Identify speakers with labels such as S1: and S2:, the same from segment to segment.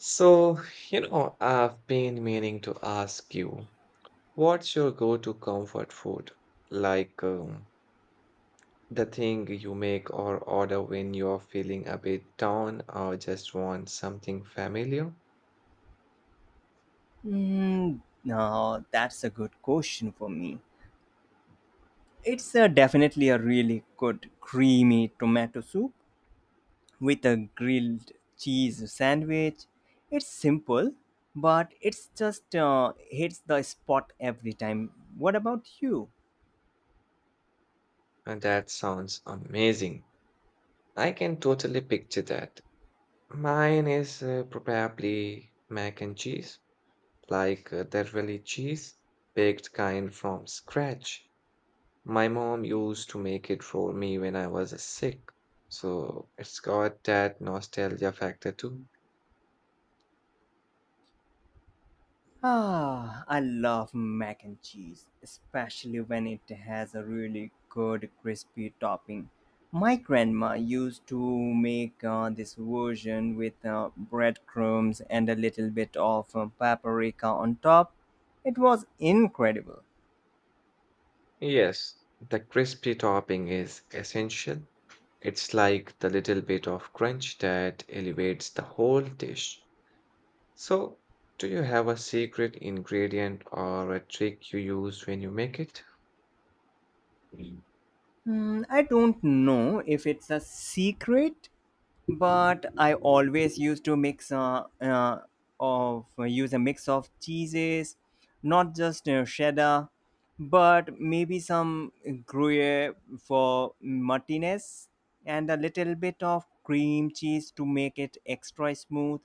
S1: So, you know, I've been meaning to ask you, what's your go-to comfort food? Like um, the thing you make or order when you're feeling a bit down or just want something familiar?
S2: Mm, no, that's a good question for me. It's definitely a really good creamy tomato soup with a grilled cheese sandwich. It's simple, but it's just hits the spot every time. What about you?
S1: And that sounds amazing. I can totally picture that. Mine is probably mac and cheese, that really cheese baked kind from scratch. My mom used to make it for me when I was sick, so it's got that nostalgia factor too.
S2: Ah, I love mac and cheese, especially when it has a really good crispy topping. My grandma used to make this version with breadcrumbs and a little bit of paprika on top. It was incredible.
S1: Yes, the crispy topping is essential. It's like the little bit of crunch that elevates the whole dish. So, do you have a secret ingredient or a trick you use when you make it? Mm.
S2: Hmm, I don't know if it's a secret, but I always used to mix of use a mix of cheeses, not just cheddar, but maybe some Gruyere for Martinez and a little bit of cream cheese to make it extra smooth.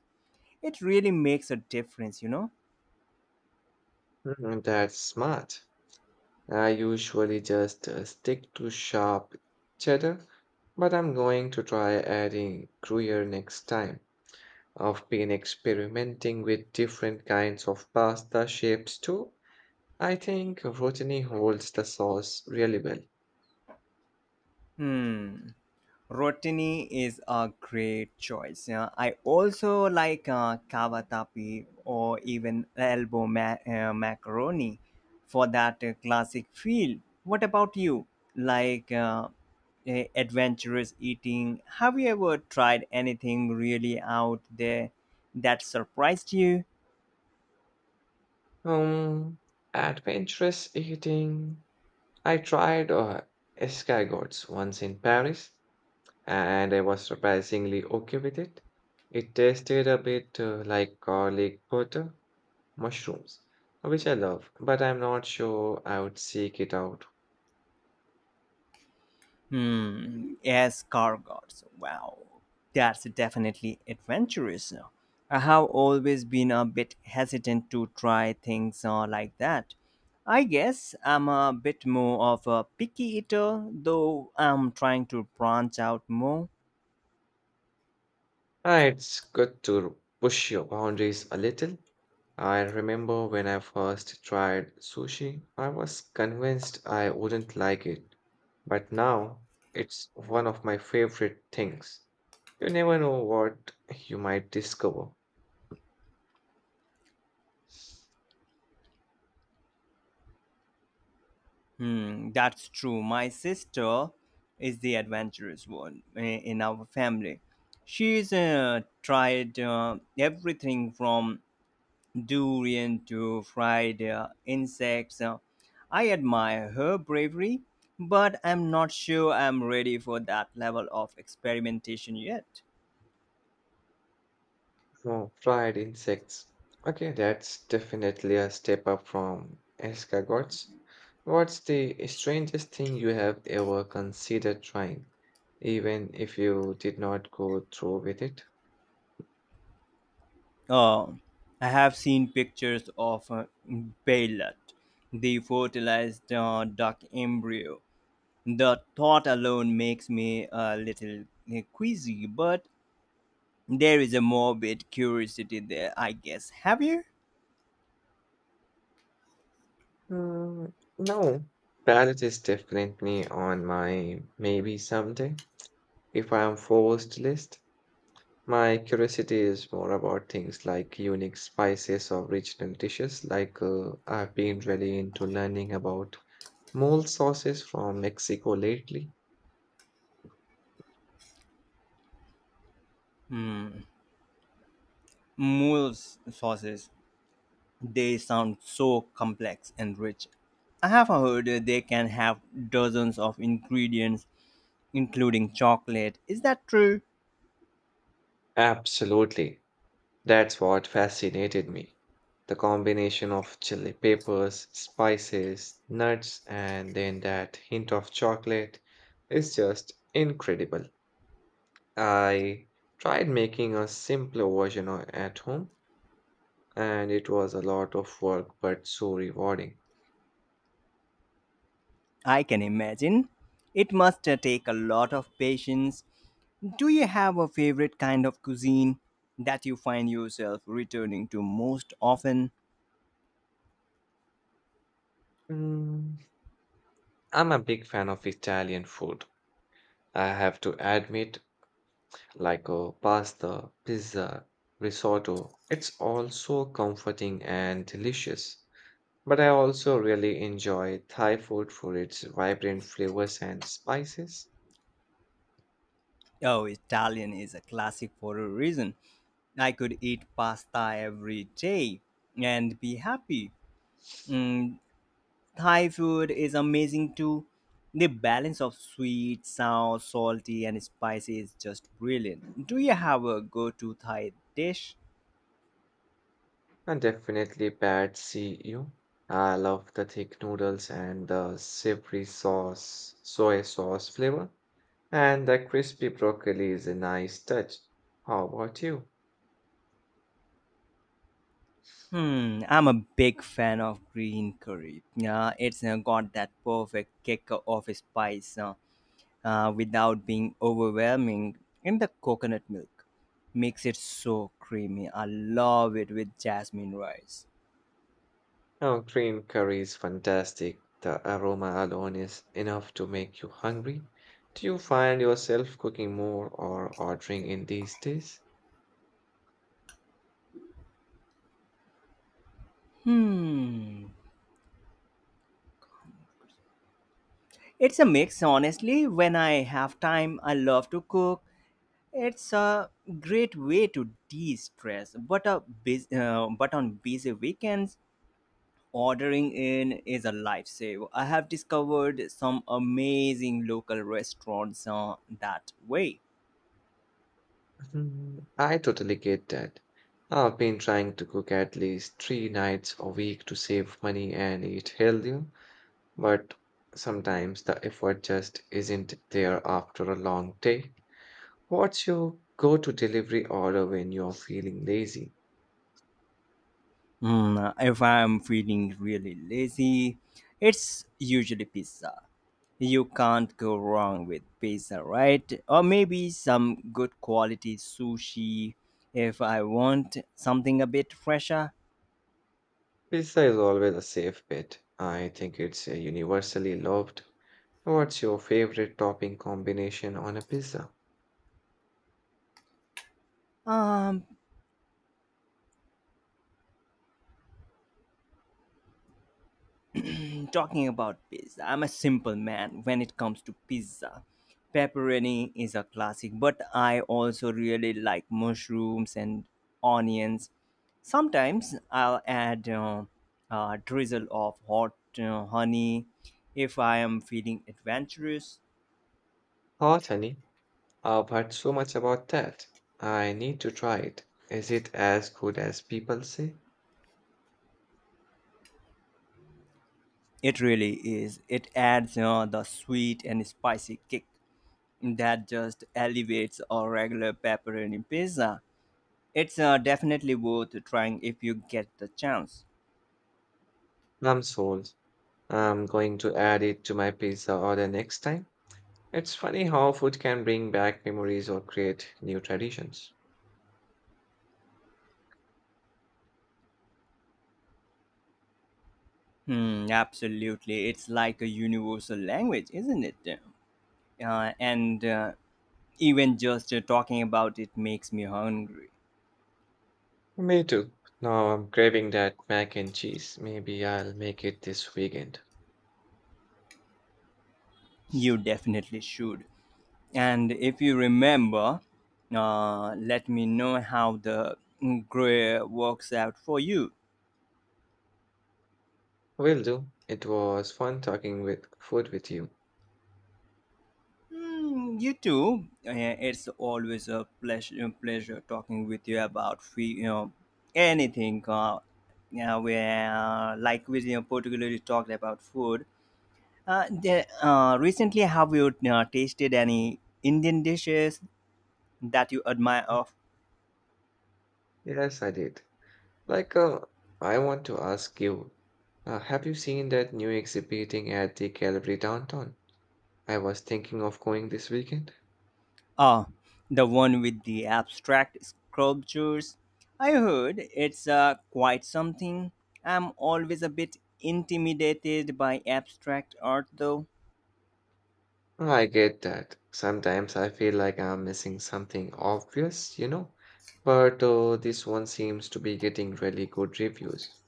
S2: It really makes a difference, you know.
S1: Mm, that's smart. I usually just stick to sharp cheddar, but I'm going to try adding Gruyere next time. I've been experimenting with different kinds of pasta shapes too. I think rotini holds the sauce really well.
S2: Hmm. Rotini is a great choice. Yeah, I also like cavatappi or even elbow macaroni for that classic feel. What about you? Like, adventurous eating? Have you ever tried anything really out there that surprised you?
S1: Um, Adventurous eating. I tried escargots once in Paris, and I was surprisingly okay with it. It tasted a bit like garlic butter mushrooms, which I love, but I'm not sure I would seek it out.
S2: Hmm. Yes, Gargots. Wow, that's definitely adventurous. I have always been a bit hesitant to try things like that. I guess I'm a bit more of a picky eater, though I'm trying to branch out more.
S1: Ah, it's good to push your boundaries a little. I remember when I first tried sushi, I was convinced I wouldn't like it, but now it's one of my favorite things. You never know what you might discover.
S2: Hmm, that's true. My sister is the adventurous in our family. She's tried everything from durian to fried insects. I admire her bravery, but I'm not sure I'm ready for that level of experimentation yet.
S1: Oh, fried insects. Okay, that's definitely a step up from escargots. What's the strangest thing you have ever considered trying, even if you did not go through with it?
S2: Oh, I have seen pictures of Baylet, the fertilized duck embryo. The thought alone makes me a little queasy, but there is a morbid curiosity there, I guess. Have you?
S1: Mm, no, palette is definitely on my maybe someday. If I am forced list, my curiosity is more about things like unique spices or regional dishes, I've been really into learning about. Mole sauces from Mexico lately?
S2: Hmm. Mule sauces. They sound so complex and rich. I have heard that they can have dozens of ingredients, including chocolate. Is that true?
S1: Absolutely. That's what fascinated me. The combination of chili peppers, spices, nuts, and then that hint of chocolate is just incredible. I tried making a simpler version at home, and it was a lot of work but so rewarding.
S2: I can imagine. It must take a lot of patience. Do you have a favorite kind of cuisine that you find yourself returning to most often?
S1: Mm, I'm a big fan of Italian food, I have to admit, pasta, pizza, risotto. It's all so comforting and delicious. But I also really enjoy Thai food for its vibrant flavors and spices.
S2: Oh, Italian is a classic for a reason. I could eat pasta every day and be happy. Mm, Thai food is amazing too. The balance of sweet, sour, salty, and spicy is just brilliant. Do you have a go to Thai dish?
S1: And definitely Pad See you. I love the thick noodles and the savory sauce, soy sauce flavor. And the crispy broccoli is a nice touch. How about you?
S2: Hmm, I'm a big fan of green curry. Yeah, it's got that perfect kick of spice without being overwhelming. And the coconut milk makes it so creamy. I love it with jasmine rice.
S1: Oh, green curry is fantastic. The aroma alone is enough to make you hungry. Do you find yourself cooking more or ordering in these days?
S2: Hmm. It's a mix, honestly. When I have time, I love to cook. It's a great way to de-stress, but but on busy weekends, ordering in is a lifesaver. I have discovered some amazing local restaurants that way.
S1: Mhm. I totally get that. I've been trying to cook at least 3 nights a week to save money and eat healthier, but sometimes the effort just isn't there after a long day. What's your go-to delivery order when you're feeling lazy?
S2: Mm, if I'm feeling really lazy, it's usually pizza. You can't go wrong with pizza, right? Or maybe some good quality sushi if I want something a bit fresher.
S1: Pizza is always a safe bet. I think it's universally loved. What's your favorite topping combination on a pizza?
S2: Um, Talking about pizza, I'm a simple man when it comes to pizza. Pepperoni is a classic, but I also really like mushrooms and onions. Sometimes I'll add a drizzle of hot honey if I am feeling adventurous.
S1: Hot honey. I've heard so much about that. I need to try it. Is it as good as people say?
S2: It really is. It adds, you know, the sweet and spicy kick that just elevates our regular pepperoni pizza. It's definitely worth trying if you get the chance.
S1: I'm sold. I'm going to add it to my pizza order next time. It's funny how food can bring back memories or create new traditions.
S2: Hmm, absolutely. It's like a universal language, isn't it? And even just talking about it makes me hungry.
S1: Me too. Now I'm craving that mac and cheese. Maybe I'll make it this weekend.
S2: You definitely should. And if you remember, let me know how the grill works out for you.
S1: Will do. It was fun talking with food with you.
S2: Mm, you too. It's always a pleasure, pleasure talking with you about free, you know, anything. Yeah, where like we, you know, particularly talked about food. Uh, the, Recently, have you tasted any Indian dishes that you admire? Of
S1: Yes, I did. Like, uh, I want to ask you, have you seen that new exhibiting at the gallery downtown? I was thinking of going this weekend.
S2: Ah, the one with the abstract sculptures. I heard it's quite something. I'm always a bit intimidated by abstract art, though.
S1: I get that. Sometimes I feel like I'm missing something obvious, you know. But this one seems to be getting really good reviews.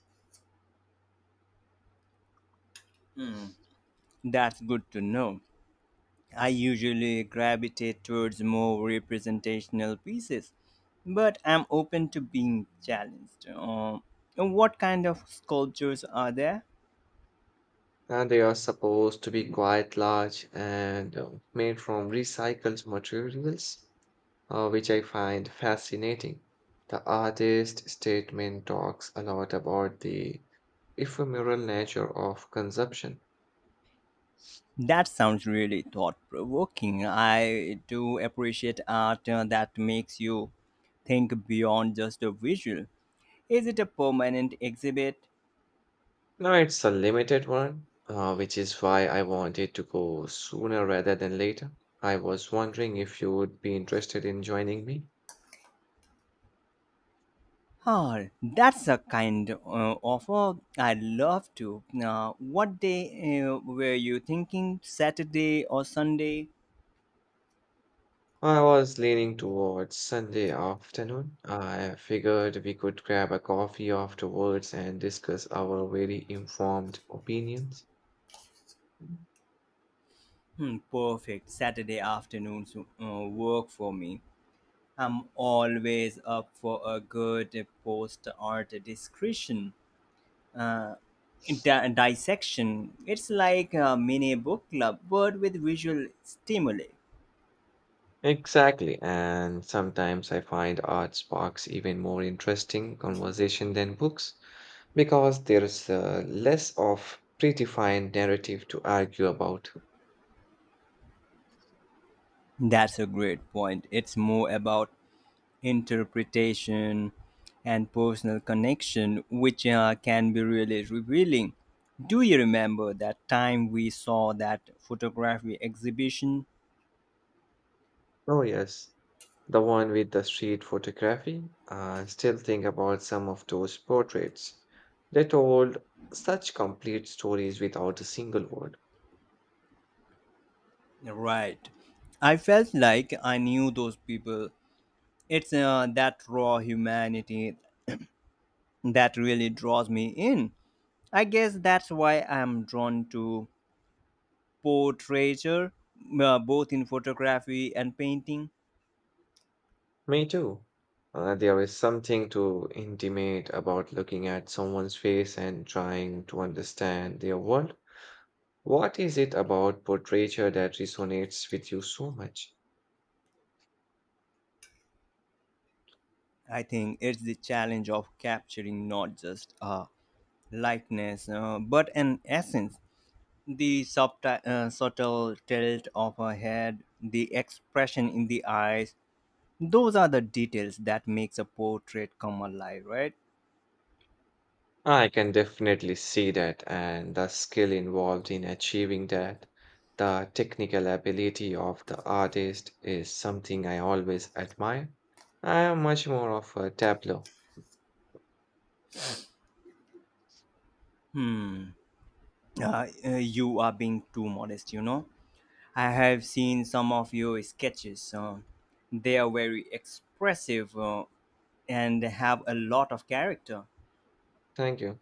S2: That's good to know. I usually gravitate towards more representational pieces, but I'm open to being challenged. What kind of sculptures are there?
S1: And they are supposed to be quite large and made from recycled materials, which I find fascinating. The artist statement talks a lot about the ephemeral nature of consumption.
S2: That sounds really thought provoking. I do appreciate art that makes you think beyond just a visual. Is it a permanent exhibit?
S1: Now, it's a limited one, which is why I wanted to go sooner rather than later. I was wondering if you would be interested in joining me.
S2: Oh, that's a kind offer. I'd love to. What day were you thinking? Saturday or Sunday?
S1: I was leaning towards Sunday afternoon. I figured we could grab a coffee afterwards and discuss our very informed opinions.
S2: Hmm, perfect. Saturday afternoons work for me. I'm always up for a good post art discretion. Uh, Dissection. It's like a mini book club, but with visual stimuli.
S1: Exactly. And sometimes I find art sparks even more interesting conversation than books because there's less of predefined narrative to argue about.
S2: That's a great point. It's more about interpretation and personal connection, which can be really revealing. Do you remember that time we saw that photography exhibition?
S1: Oh, yes. The one with the street photography. I still think about some of those portraits. They told such complete stories without a single word.
S2: Right. I felt like I knew those people. It's that raw humanity that really draws me in. I guess that's why I'm drawn to portraiture, both in photography and painting.
S1: Me too. There is something to intimate about looking at someone's face and trying to understand their world. What is it about portraiture that resonates with you so much?
S2: I think it's the challenge of capturing not just a lightness, but an essence. The subtle tilt of her head, the expression in the eyes, those are the details that makes a portrait come alive, right?
S1: I can definitely see that, and the skill involved in achieving that. The technical ability of the artist is something I always admire. I am much more of a tableau.
S2: Hmm. You are being too modest, you know. I have seen some of your sketches. They are very expressive and have a lot of character.
S1: Thank you.